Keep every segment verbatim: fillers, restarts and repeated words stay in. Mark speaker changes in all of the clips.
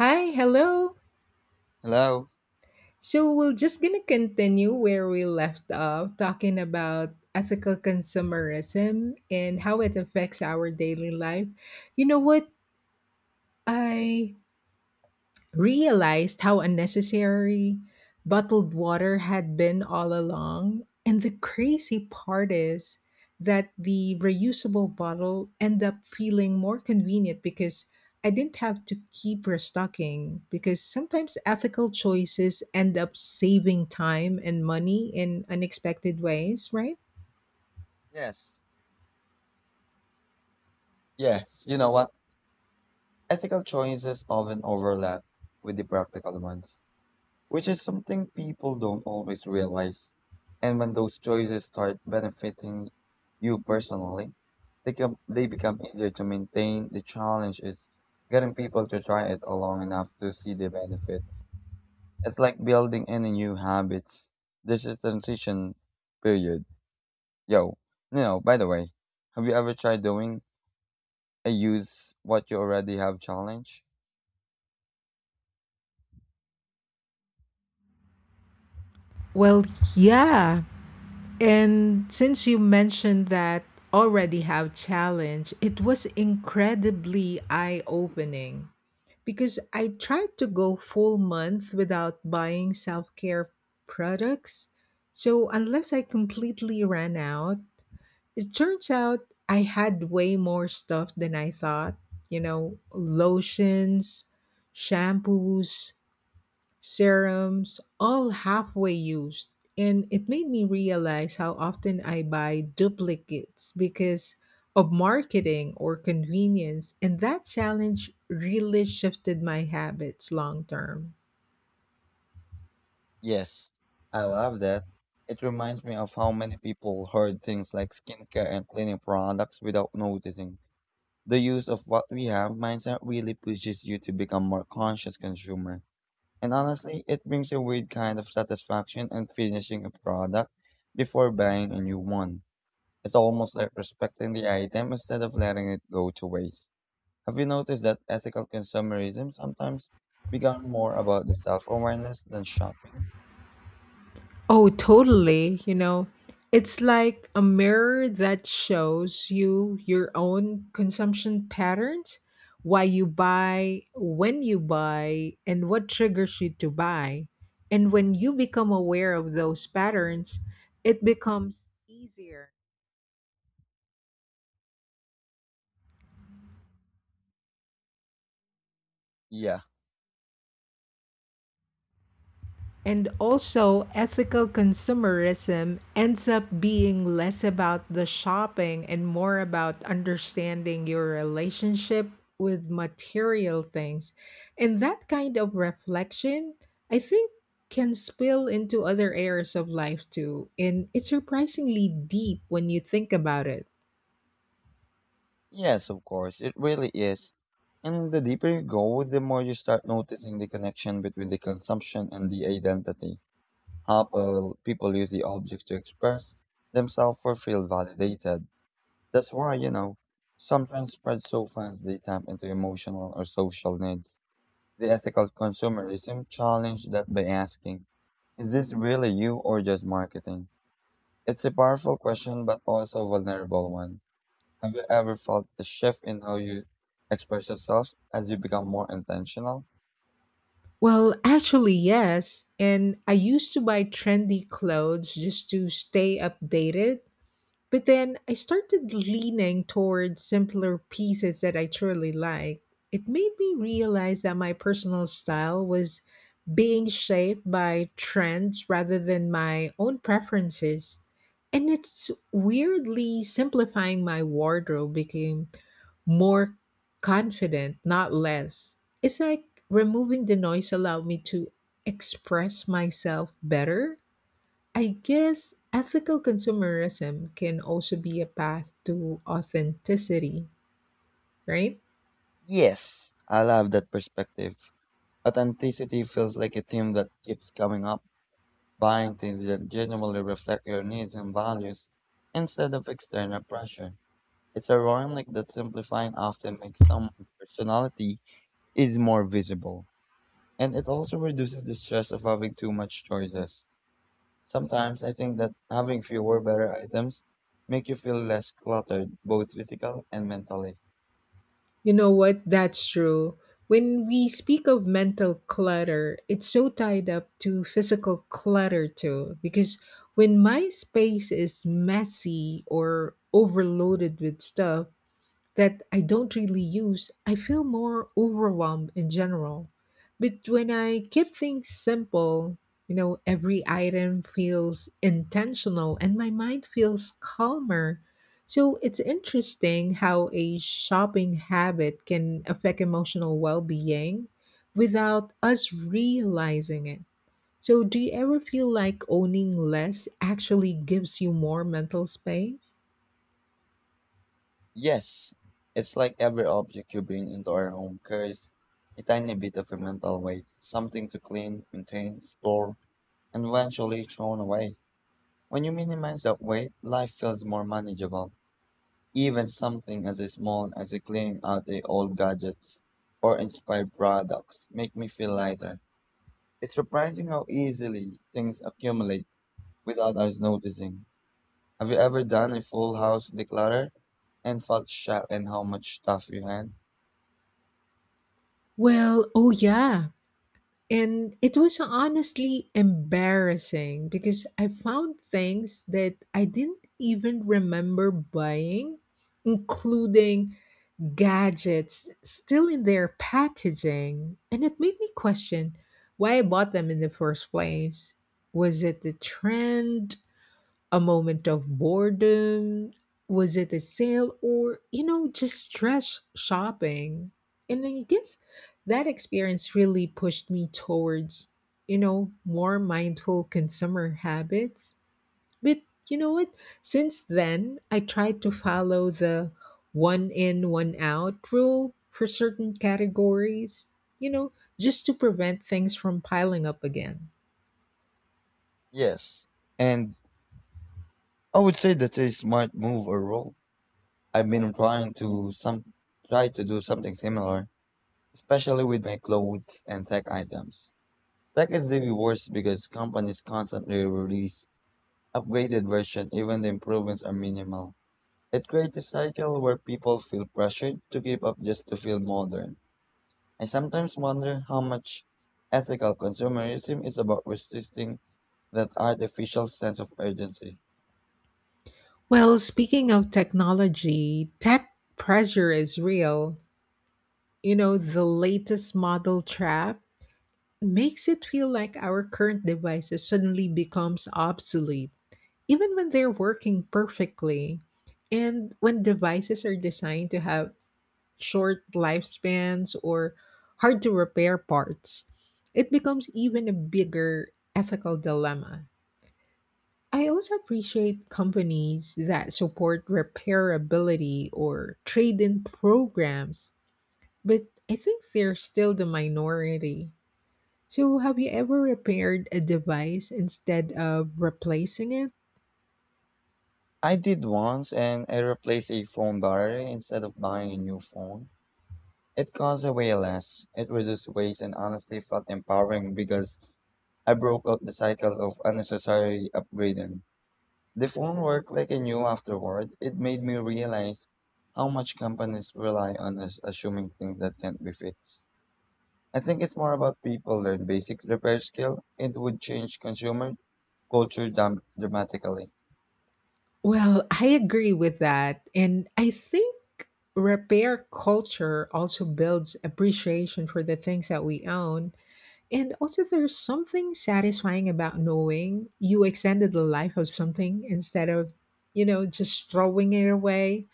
Speaker 1: Hi, hello.
Speaker 2: Hello?
Speaker 1: So we're just gonna continue where we left off, talking about ethical consumerism and how it affects our daily life. You know what? I realized how unnecessary bottled water had been all along. And the crazy part is that the reusable bottle ended up feeling more convenient because I didn't have to keep restocking. Because sometimes ethical choices end up saving time and money in unexpected ways, right?
Speaker 2: Yes. Yes, you know what? Ethical choices often overlap with the practical ones, which is something people don't always realize. And when those choices start benefiting you personally, they, come, they become easier to maintain. The challenge is getting people to try it long enough to see the benefits. It's like building any new habits. There's a transition period. Yo, you know, by the way, have you ever tried doing I use what you already have challenge.
Speaker 1: Well, yeah. And since you mentioned that already have challenge, it was incredibly eye-opening because I tried to go full month without buying self-care products. So unless I completely ran out, it turns out I had way more stuff than I thought, you know, lotions, shampoos, serums, all halfway used. And it made me realize how often I buy duplicates because of marketing or convenience. And that challenge really shifted my habits long term.
Speaker 2: Yes, I love that. It reminds me of how many people hoard things like skincare and cleaning products without noticing. The use of what we have mindset really pushes you to become more conscious consumer. And honestly, it brings a weird kind of satisfaction in finishing a product before buying a new one. It's almost like respecting the item instead of letting it go to waste. Have you noticed that ethical consumerism sometimes becomes more about the self awareness than shopping?
Speaker 1: Oh, totally. You know, it's like a mirror that shows you your own consumption patterns, why you buy, when you buy, and what triggers you to buy. And when you become aware of those patterns, it becomes easier.
Speaker 2: Yeah,
Speaker 1: And also, ethical consumerism ends up being less about the shopping and more about understanding your relationship with material things. And that kind of reflection, I think, can spill into other areas of life too. And it's surprisingly deep when you think about it.
Speaker 2: yes, of course, it really is. And the deeper you go, the more you start noticing the connection between the consumption and the identity. How people people use the objects to express themselves or feel validated. That's why, you know, some trends spread so fast they tap into emotional or social needs. The ethical consumerism challenged that by asking, is this really you or just marketing? It's a powerful question, but also a vulnerable one. Have you ever felt a shift in how you express yourself as you become more intentional?
Speaker 1: Well, actually, yes. And I used to buy trendy clothes just to stay updated. But then I started leaning towards simpler pieces that I truly like. It made me realize that my personal style was being shaped by trends rather than my own preferences. And it's weirdly simplifying my wardrobe became more confident, not less. It's like removing the noise allowed me to express myself better. I guess ethical consumerism can also be a path to authenticity, right?
Speaker 2: Yes, I love that perspective. Authenticity feels like a theme that keeps coming up, buying things that genuinely reflect your needs and values instead of external pressure. It's ironic that simplifying often makes someone's personality is more visible. And it also reduces the stress of having too much choices. Sometimes I think that having fewer better items make you feel less cluttered, both physical and mentally.
Speaker 1: You know what? That's true. When we speak of mental clutter, it's so tied up to physical clutter too. Because when my space is messy or overloaded with stuff, that I don't really use, I feel more overwhelmed in general. But when I keep things simple, you know, every item feels intentional and my mind feels calmer. So it's interesting how a shopping habit can affect emotional well being without us realizing it. So, do you ever feel like owning less actually gives you more mental space?
Speaker 2: Yes, it's like every object you bring into our home carries a tiny bit of a mental weight, something to clean, maintain, store, and eventually thrown away. When you minimize that weight, life feels more manageable. Even something as small as cleaning out the old gadgets or inspired products make me feel lighter. It's surprising how easily things accumulate without us noticing. Have you ever done a full house declutter and felt shocked at how much stuff you had?
Speaker 1: Well, oh yeah. And it was honestly embarrassing because I found things that I didn't even remember buying, including gadgets still in their packaging. And it made me question why I bought them in the first place. Was it the trend, a moment of boredom? Was it a sale or, you know, just stress shopping? And I guess that experience really pushed me towards, you know, more mindful consumer habits. But you know what? Since then, I tried to follow the one in, one out rule for certain categories, you know, just to prevent things from piling up again.
Speaker 2: Yes, and I would say that's a smart move or rule. I've been trying to some try to do something similar, especially with my clothes and tech items. Tech is the worst because companies constantly release upgraded versions even the improvements are minimal. It creates a cycle where people feel pressured to keep up just to feel modern. I sometimes wonder how much ethical consumerism is about resisting that artificial sense of urgency.
Speaker 1: Well, speaking of technology, tech pressure is real. You know, the latest model trap makes it feel like our current devices suddenly becomes obsolete, even when they're working perfectly. And when devices are designed to have short lifespans or hard to repair parts, it becomes even a bigger ethical dilemma. I also appreciate companies that support repairability or trade in programs, but I think they're still the minority. So, have you ever repaired a device instead of replacing it?
Speaker 2: I did once and I replaced a phone battery instead of buying a new phone. It costs way less, it reduced waste and honestly felt empowering because I broke out the cycle of unnecessary upgrading. The phone worked like I knew afterward. It made me realize how much companies rely on us assuming things that can't be fixed. I think it's more about people learn basic repair skill. It would change consumer culture dam- dramatically.
Speaker 1: Well, I agree with that. And I think repair culture also builds appreciation for the things that we own. And also, there's something satisfying about knowing you extended the life of something instead of, you know, just throwing it away.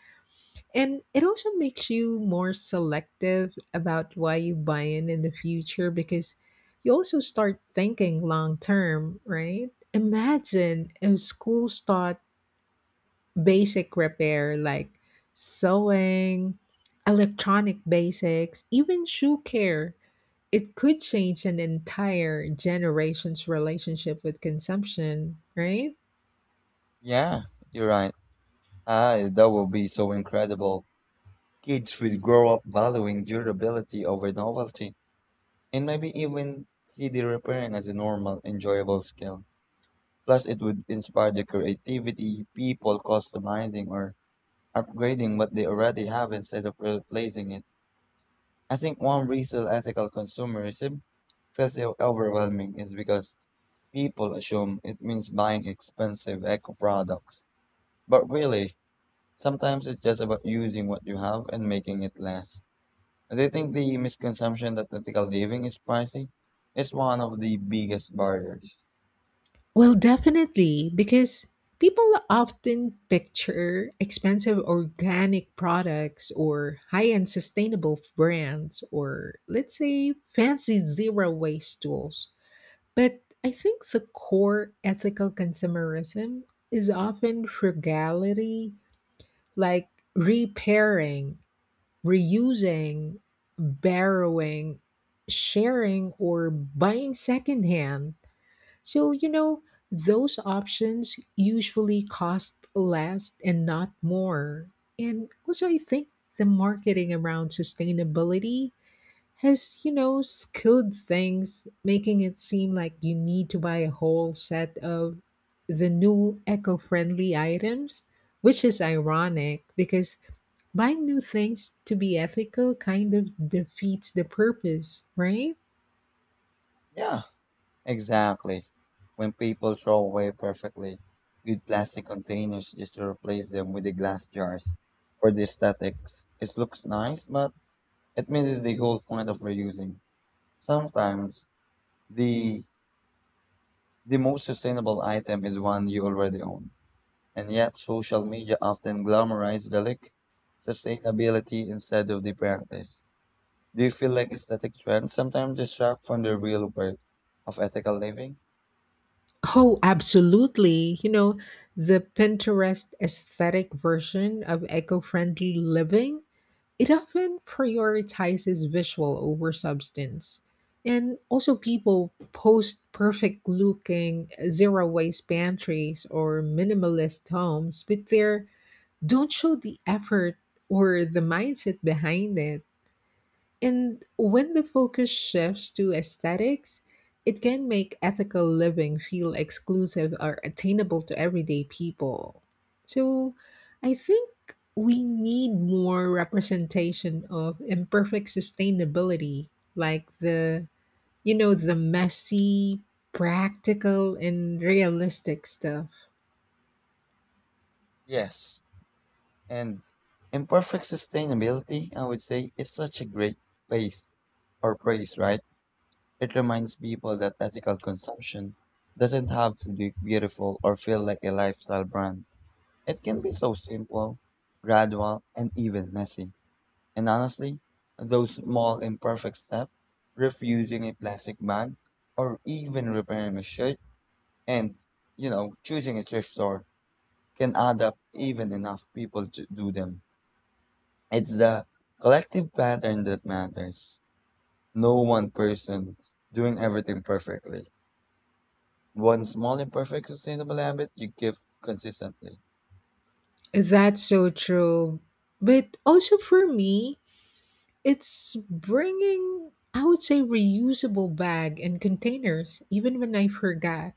Speaker 1: And it also makes you more selective about why you buy in in the future because you also start thinking long term, right? Imagine if schools taught basic repair like sewing, electronic basics, even shoe care, it could change an entire generation's relationship with consumption, right?
Speaker 2: Yeah, you're right. Ah, that will be so incredible. Kids will grow up valuing durability over novelty and maybe even see the repairing as a normal, enjoyable skill. Plus, it would inspire the creativity, people customizing or upgrading what they already have instead of replacing it. I think one reason ethical consumerism feels so overwhelming is because people assume it means buying expensive eco products. But really, sometimes it's just about using what you have and making it less. Do you think the misconception that ethical living is pricey is one of the biggest barriers?
Speaker 1: Well, definitely, because people often picture expensive organic products or high end sustainable brands or, let's say, fancy zero waste tools. But I think the core ethical consumerism is often frugality, like repairing, reusing, borrowing, sharing, or buying secondhand. So, you know, those options usually cost less and not more. And also, I think the marketing around sustainability has, you know, skewed things, making it seem like you need to buy a whole set of the new eco friendly items, which is ironic because buying new things to be ethical kind of defeats the purpose, right?
Speaker 2: Yeah, exactly. When people throw away perfectly good plastic containers just to replace them with the glass jars for the aesthetics, it looks nice, but it misses the whole point of reusing. Sometimes the the most sustainable item is one you already own, and yet social media often glamorizes the look, sustainability instead of the practice. Do you feel like aesthetic trends sometimes distract from the real work of ethical living?
Speaker 1: Oh, absolutely. You know, the Pinterest aesthetic version of eco friendly living, it often prioritizes visual over substance. And also, people post perfect looking zero waste pantries or minimalist homes, but they don't show the effort or the mindset behind it. And when the focus shifts to aesthetics, it can make ethical living feel exclusive or attainable to everyday people. So I think we need more representation of imperfect sustainability, like the, you know, the messy, practical, and realistic stuff.
Speaker 2: Yes, and imperfect sustainability, I would say, is such a great place or praise, right? It reminds people that ethical consumption doesn't have to look beautiful or feel like a lifestyle brand. It can be so simple, gradual, and even messy. And honestly, those small imperfect steps, refusing a plastic bag or even repairing a shirt and, you know, choosing a thrift store can add up even enough people to do them. It's the collective pattern that matters. No one person doing everything perfectly. One small imperfect sustainable habit you give consistently.
Speaker 1: That's so true. But also for me, it's bringing, I would say, reusable bag and containers, even when I forgot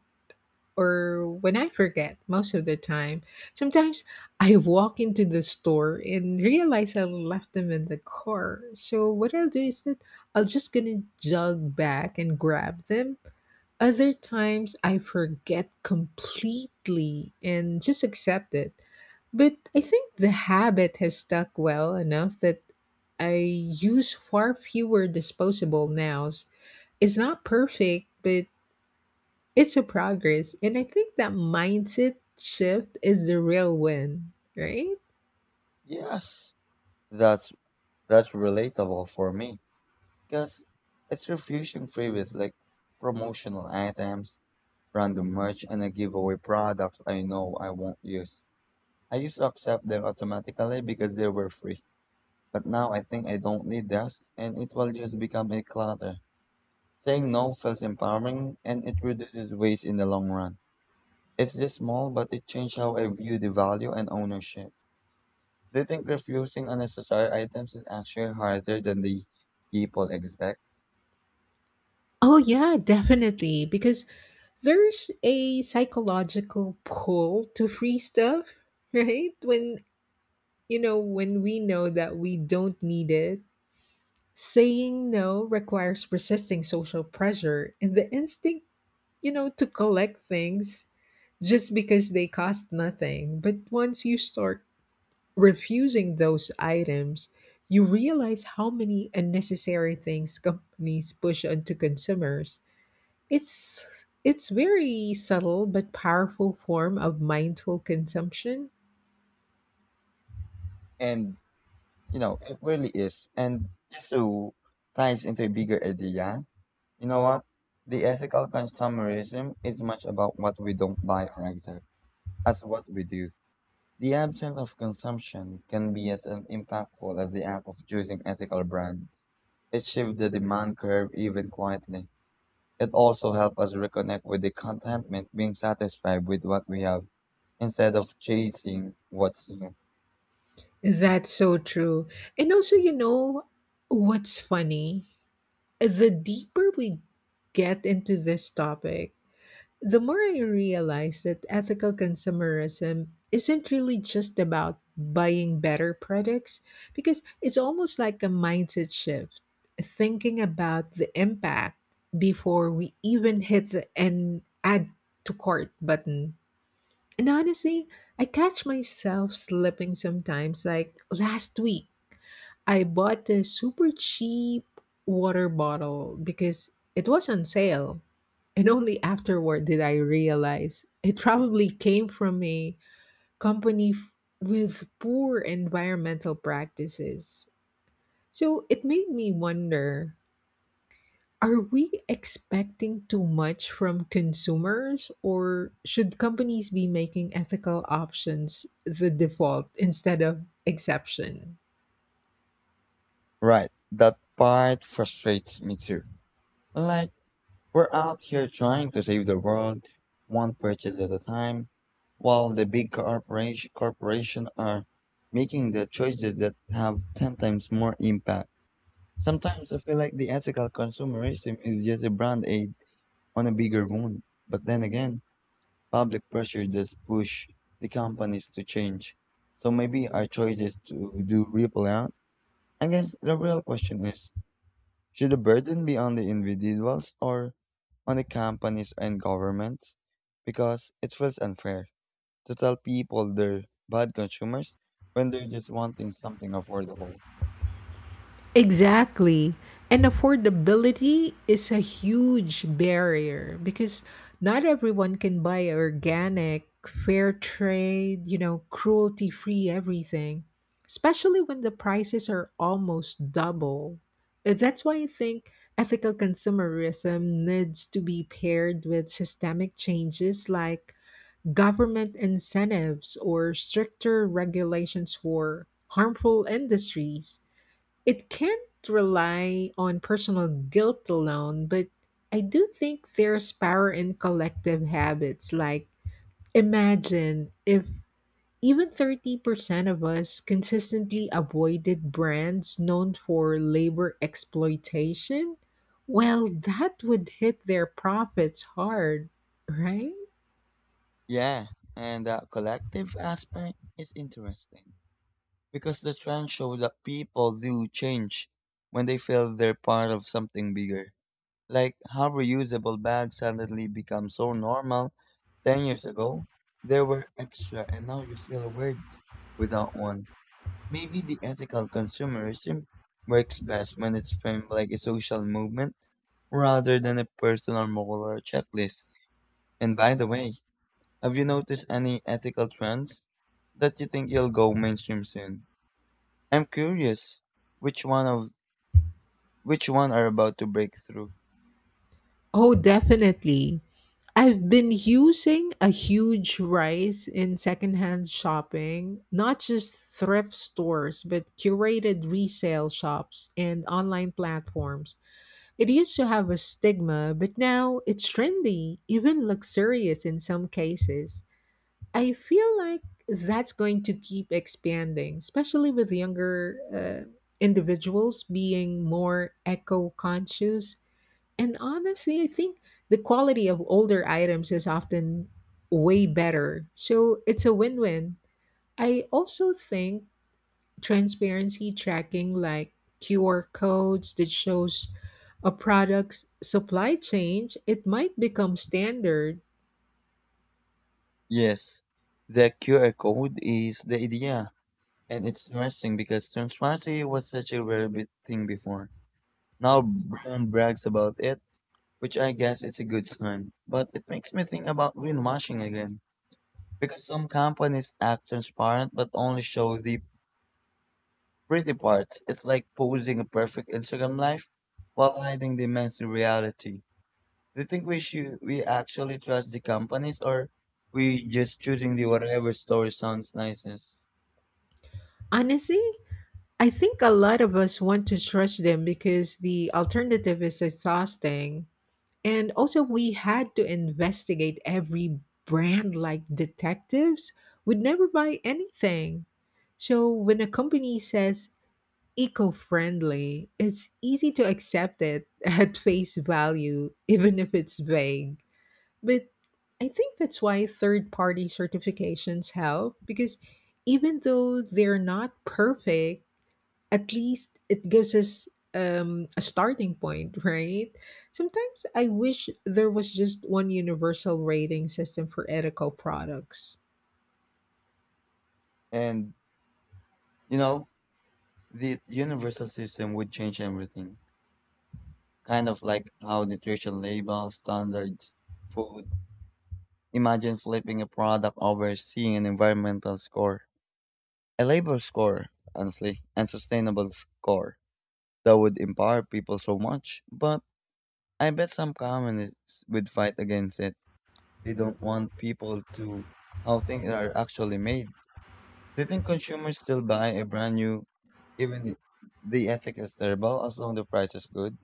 Speaker 1: or when I forget most of the time. Sometimes I walk into the store and realize I left them in the car. So what I'll do is that I'll just gonna jog back and grab them. Other times I forget completely and just accept it. But I think the habit has stuck well enough that I use far fewer disposable nows. It's not perfect, but it's a progress. And I think that mindset shift is the real win, right?
Speaker 2: Yes, that's that's relatable for me because it's refusing freebies like promotional items, random merch, and a giveaway products I know I won't use. I used to accept them automatically because they were free, but now I think I don't need this, and it will just become a clutter. Saying no feels empowering and it reduces waste in the long run. It's just small, but it changed how I view the value and ownership. Do you think refusing unnecessary items is actually harder than the people expect?
Speaker 1: Oh, yeah, definitely. Because there's a psychological pull to free stuff, right? When You know, when we know that we don't need it, saying no requires resisting social pressure and the instinct, you know, to collect things just because they cost nothing. But once you start refusing those items, you realize how many unnecessary things companies push onto consumers. It's it's very subtle but powerful form of mindful consumption.
Speaker 2: And, you know, it really is. And just to ties into a bigger idea, you know what? The ethical consumerism is much about what we don't buy or accept as what we do. The absence of consumption can be as impactful as the act of choosing ethical brand. It shifted the demand curve even quietly. It also helped us reconnect with the contentment, being satisfied with what we have instead of chasing what's new.
Speaker 1: That's so true. And also, you know what's funny? The deeper we get into this topic, the more I realize that ethical consumerism isn't really just about buying better products, because it's almost like a mindset shift, thinking about the impact before we even hit the and add to cart button. And honestly, I catch myself slipping sometimes, like last week. I bought a super cheap water bottle because it was on sale. And only afterward did I realize it probably came from a company f- with poor environmental practices. So it made me wonder, are we expecting too much from consumers, or should companies be making ethical options the default instead of exception?
Speaker 2: Right, that part frustrates me too. Like, we're out here trying to save the world, one purchase at a time, while the big corporation corporation are making the choices that have ten times more impact. Sometimes I feel like the ethical consumerism is just a brand aid on a bigger one. But then again, public pressure does push the companies to change. So maybe our choices to do ripple out. I guess the real question is, should the burden be on the individuals or on the companies and governments? Because it feels unfair to tell people they're bad consumers when they're just wanting something affordable.
Speaker 1: Exactly. And affordability is a huge barrier because not everyone can buy organic, fair trade, you know, cruelty free everything, especially when the prices are almost double. Uh, That's why I think ethical consumerism needs to be paired with systemic changes like government incentives or stricter regulations for harmful industries. It can't rely on personal guilt alone, but I do think there's power in collective habits. Like, imagine if even thirty percent of us consistently avoided brands known for labor exploitation. Well, that would hit their profits hard, right?
Speaker 2: Yeah, and that collective aspect is interesting because the trend showed that people do change when they feel they're part of something bigger. Like how reusable bags suddenly become so normal. ten years ago, they were extra and now you feel weird without one. Maybe the ethical consumerism works best when it's framed like a social movement rather than a personal moral or checklist. And by the way, have you noticed any ethical trends that you think you'll go mainstream soon? I'm curious which one of which one are about to break through.
Speaker 1: Oh, definitely. I've been using a huge rise in secondhand shopping, not just thrift stores, but curated resale shops and online platforms. It used to have a stigma, but now it's trendy, even luxurious in some cases. I feel like that's going to keep expanding, especially with younger uh, individuals being more eco conscious, and honestly, I think the quality of older items is often way better. So it's a win win. I also think transparency tracking like Q R codes that shows a product's supply chain, it might become standard.
Speaker 2: Yes, the Q R code is the idea, and it's interesting because transparency was such a rare bit thing before. Now brand brags about it, which I guess it's a good sign. But it makes me think about greenwashing again, because some companies act transparent but only show the pretty parts. It's like posing a perfect Instagram life while hiding the messy reality. Do you think we should we actually trust the companies or we just choosing the whatever story sounds nicest?
Speaker 1: Honestly, I think a lot of us want to trust them because the alternative is exhausting. And also, we had to investigate every brand like detectives. We'd never buy anything. So, when a company says eco friendly, it's easy to accept it at face value, even if it's vague. But I think that's why third party certifications help because even though they're not perfect, at least it gives us um, a starting point, right? Sometimes I wish there was just one universal rating system for ethical products.
Speaker 2: And you know, the universal system would change everything. Kind of like how nutrition labels, standards, food. Imagine flipping a product over seeing an environmental score, a labor score, honestly, and sustainable score. That would empower people so much, but I bet some communists would fight against it. They don't want people to how things are actually made. Do you think consumers still buy a brand new, even if the ethic is terrible, as long the price is good?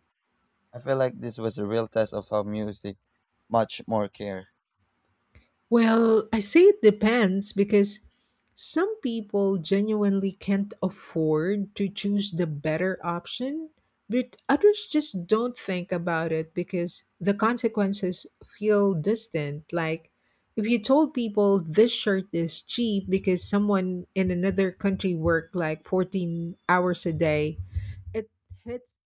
Speaker 2: I feel like this was a real test of how music much more care.
Speaker 1: Well, I say it depends because some people genuinely can't afford to choose the better option, but others just don't think about it because the consequences feel distant. Like, if you told people this shirt is cheap because someone in another country worked like fourteen hours a day, it hits,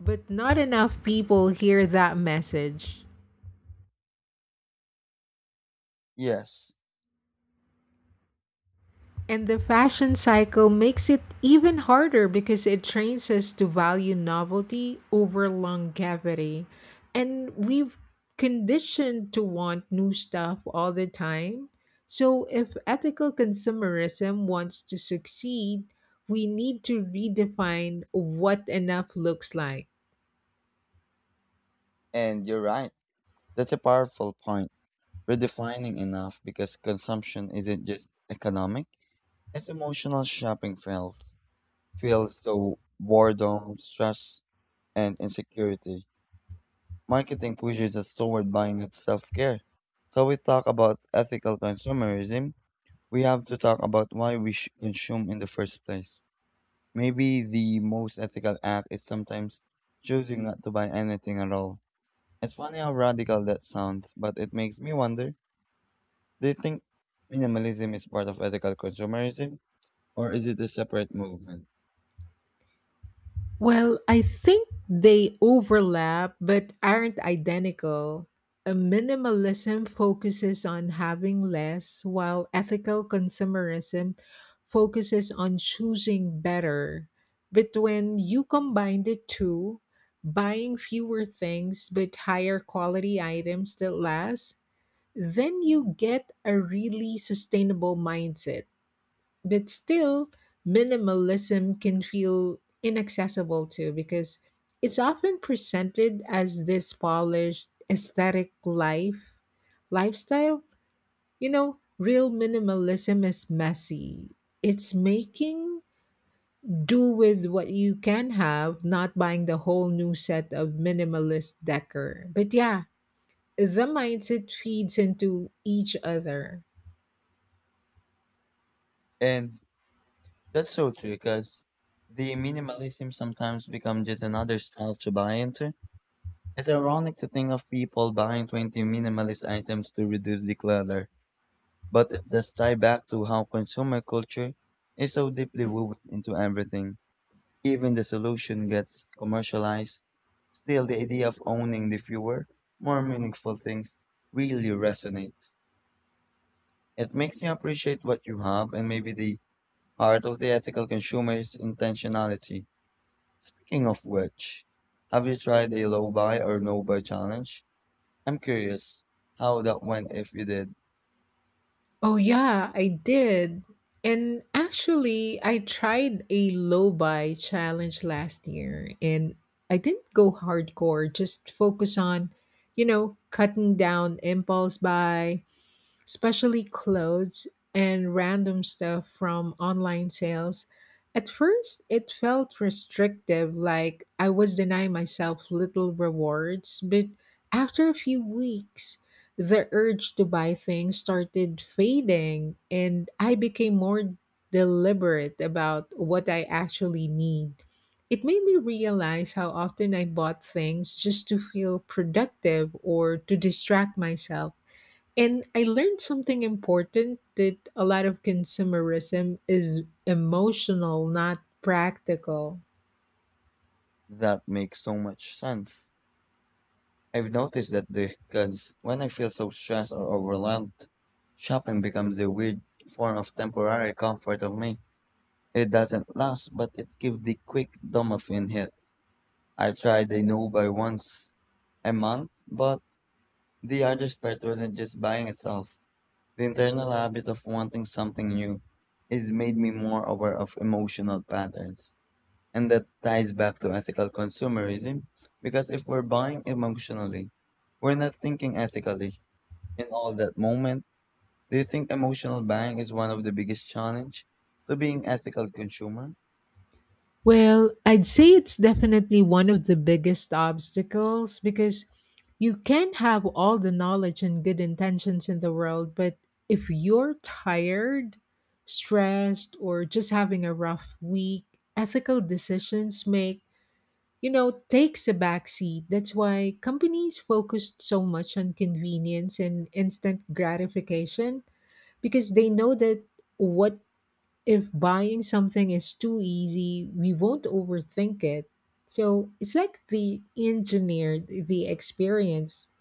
Speaker 1: but not enough people hear that message.
Speaker 2: Yes,
Speaker 1: And the fashion cycle makes it even harder because it trains us to value novelty over longevity. And we've conditioned to want new stuff all the time. So, if ethical consumerism wants to succeed, we need to redefine what enough looks like.
Speaker 2: and you're right. That's a powerful point. Redefining enough because consumption isn't just economic, it's emotional shopping feels. Feels so boredom, stress, and insecurity. Marketing pushes us toward buying at self care. So we talk about ethical consumerism. We have to talk about why we should consume in the first place. Maybe the most ethical act is sometimes choosing not to buy anything at all. It's funny how radical that sounds, but it makes me wonder do you think minimalism is part of ethical consumerism or is it a separate movement?
Speaker 1: Well, I think they overlap but aren't identical. A minimalism focuses on having less, while ethical consumerism focuses on choosing better. But when you combine the two, buying fewer things but higher quality items that last, then you get a really sustainable mindset. But still, minimalism can feel inaccessible too because it's often presented as this polished aesthetic life lifestyle. You know, real minimalism is messy. It's making do with what you can have, not buying the whole new set of minimalist decor. But yeah, the mindset feeds into each other.
Speaker 2: And that's so true because the minimalism sometimes becomes just another style to buy into. It's ironic to think of people buying twenty minimalist items to reduce the clutter, but it does tie back to how consumer culture is so deeply woven into everything. Even the solution gets commercialized. Still, the idea of owning the fewer, more meaningful things really resonates. It makes you appreciate what you have and maybe the heart of the ethical consumer is intentionality. Speaking of which, have you tried a low buy or no buy challenge? I'm curious how that went if you did.
Speaker 1: Oh, yeah, I did. And actually, I tried a low buy challenge last year and I didn't go hardcore, just focus on, you know, cutting down impulse buy, especially clothes and random stuff from online sales. At first, it felt restrictive, like I was denying myself little rewards, but after a few weeks, the urge to buy things started fading, and I became more deliberate about what I actually need. It made me realize how often I bought things just to feel productive or to distract myself. And I learned something important, that a lot of consumerism is emotional, not practical.
Speaker 2: That makes so much sense. I've noticed that because when I feel so stressed or overwhelmed, shopping becomes a weird form of temporary comfort of me. It doesn't last, but it gives the quick dopamine hit. I tried a new buy once a month, but the other part wasn't just buying itself. The internal habit of wanting something new has made me more aware of emotional patterns. And that ties back to ethical consumerism because if we're buying emotionally, we're not thinking ethically. In all that moment, do you think emotional buying is one of the biggest challenge to being ethical consumer?
Speaker 1: Well, I'd say it's definitely one of the biggest obstacles because you can have all the knowledge and good intentions in the world, but if you're tired, stressed, or just having a rough week, ethical decisions make, you know, takes a backseat. That's why companies focused so much on convenience and instant gratification because they know that what if buying something is too easy, we won't overthink it. So it's like we engineered the experience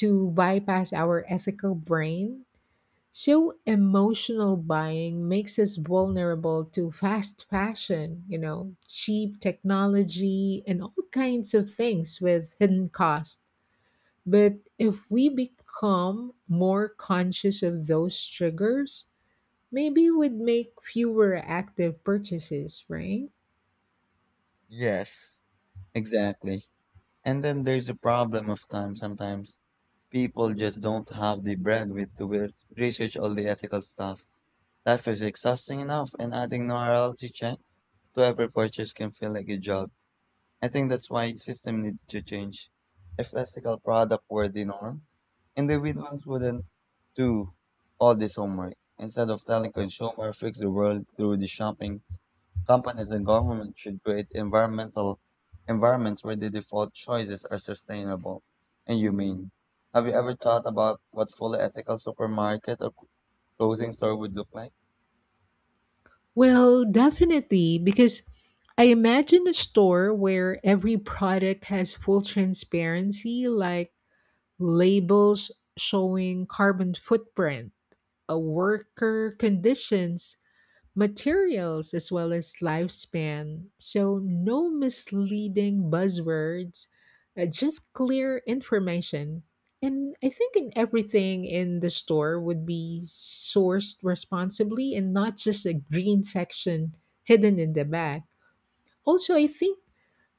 Speaker 1: to bypass our ethical brain. So emotional buying makes us vulnerable to fast fashion, you know, cheap technology, and all kinds of things with hidden cost. But if we become more conscious of those triggers, maybe we'd make fewer active purchases, right?
Speaker 2: Yes, exactly. And then there's a problem of time sometimes. People just don't have the bandwidth to re- research all the ethical stuff. Life is exhausting enough, and adding morality check to every purchase can feel like a job. I think that's why system need to change. If ethical product were the norm, individuals wouldn't do all this homework. Instead of telling consumer fix the world through the shopping, companies and government should create environmental environments where the default choices are sustainable and humane. Have you ever thought about what fully ethical supermarket or clothing store would look like?
Speaker 1: Well, definitely, because I imagine a store where every product has full transparency, like labels showing carbon footprint, a worker conditions, materials as well as lifespan. So, no misleading buzzwords, uh, just clear information. And I think in everything in the store would be sourced responsibly and not just a green section hidden in the back. Also, I think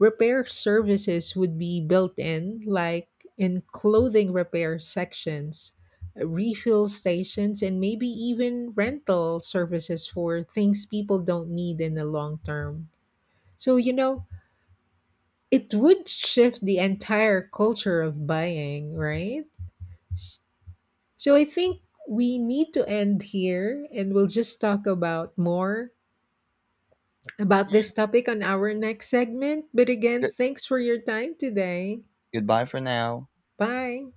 Speaker 1: repair services would be built in, like in clothing repair sections, refill stations, and maybe even rental services for things people don't need in the long term. So, you know, it would shift the entire culture of buying, right? S- So, I think we need to end here and we'll just talk about more about this topic on our next segment. But again,
Speaker 2: Good-
Speaker 1: thanks for your time today.
Speaker 2: goodbye for now.
Speaker 1: Bye.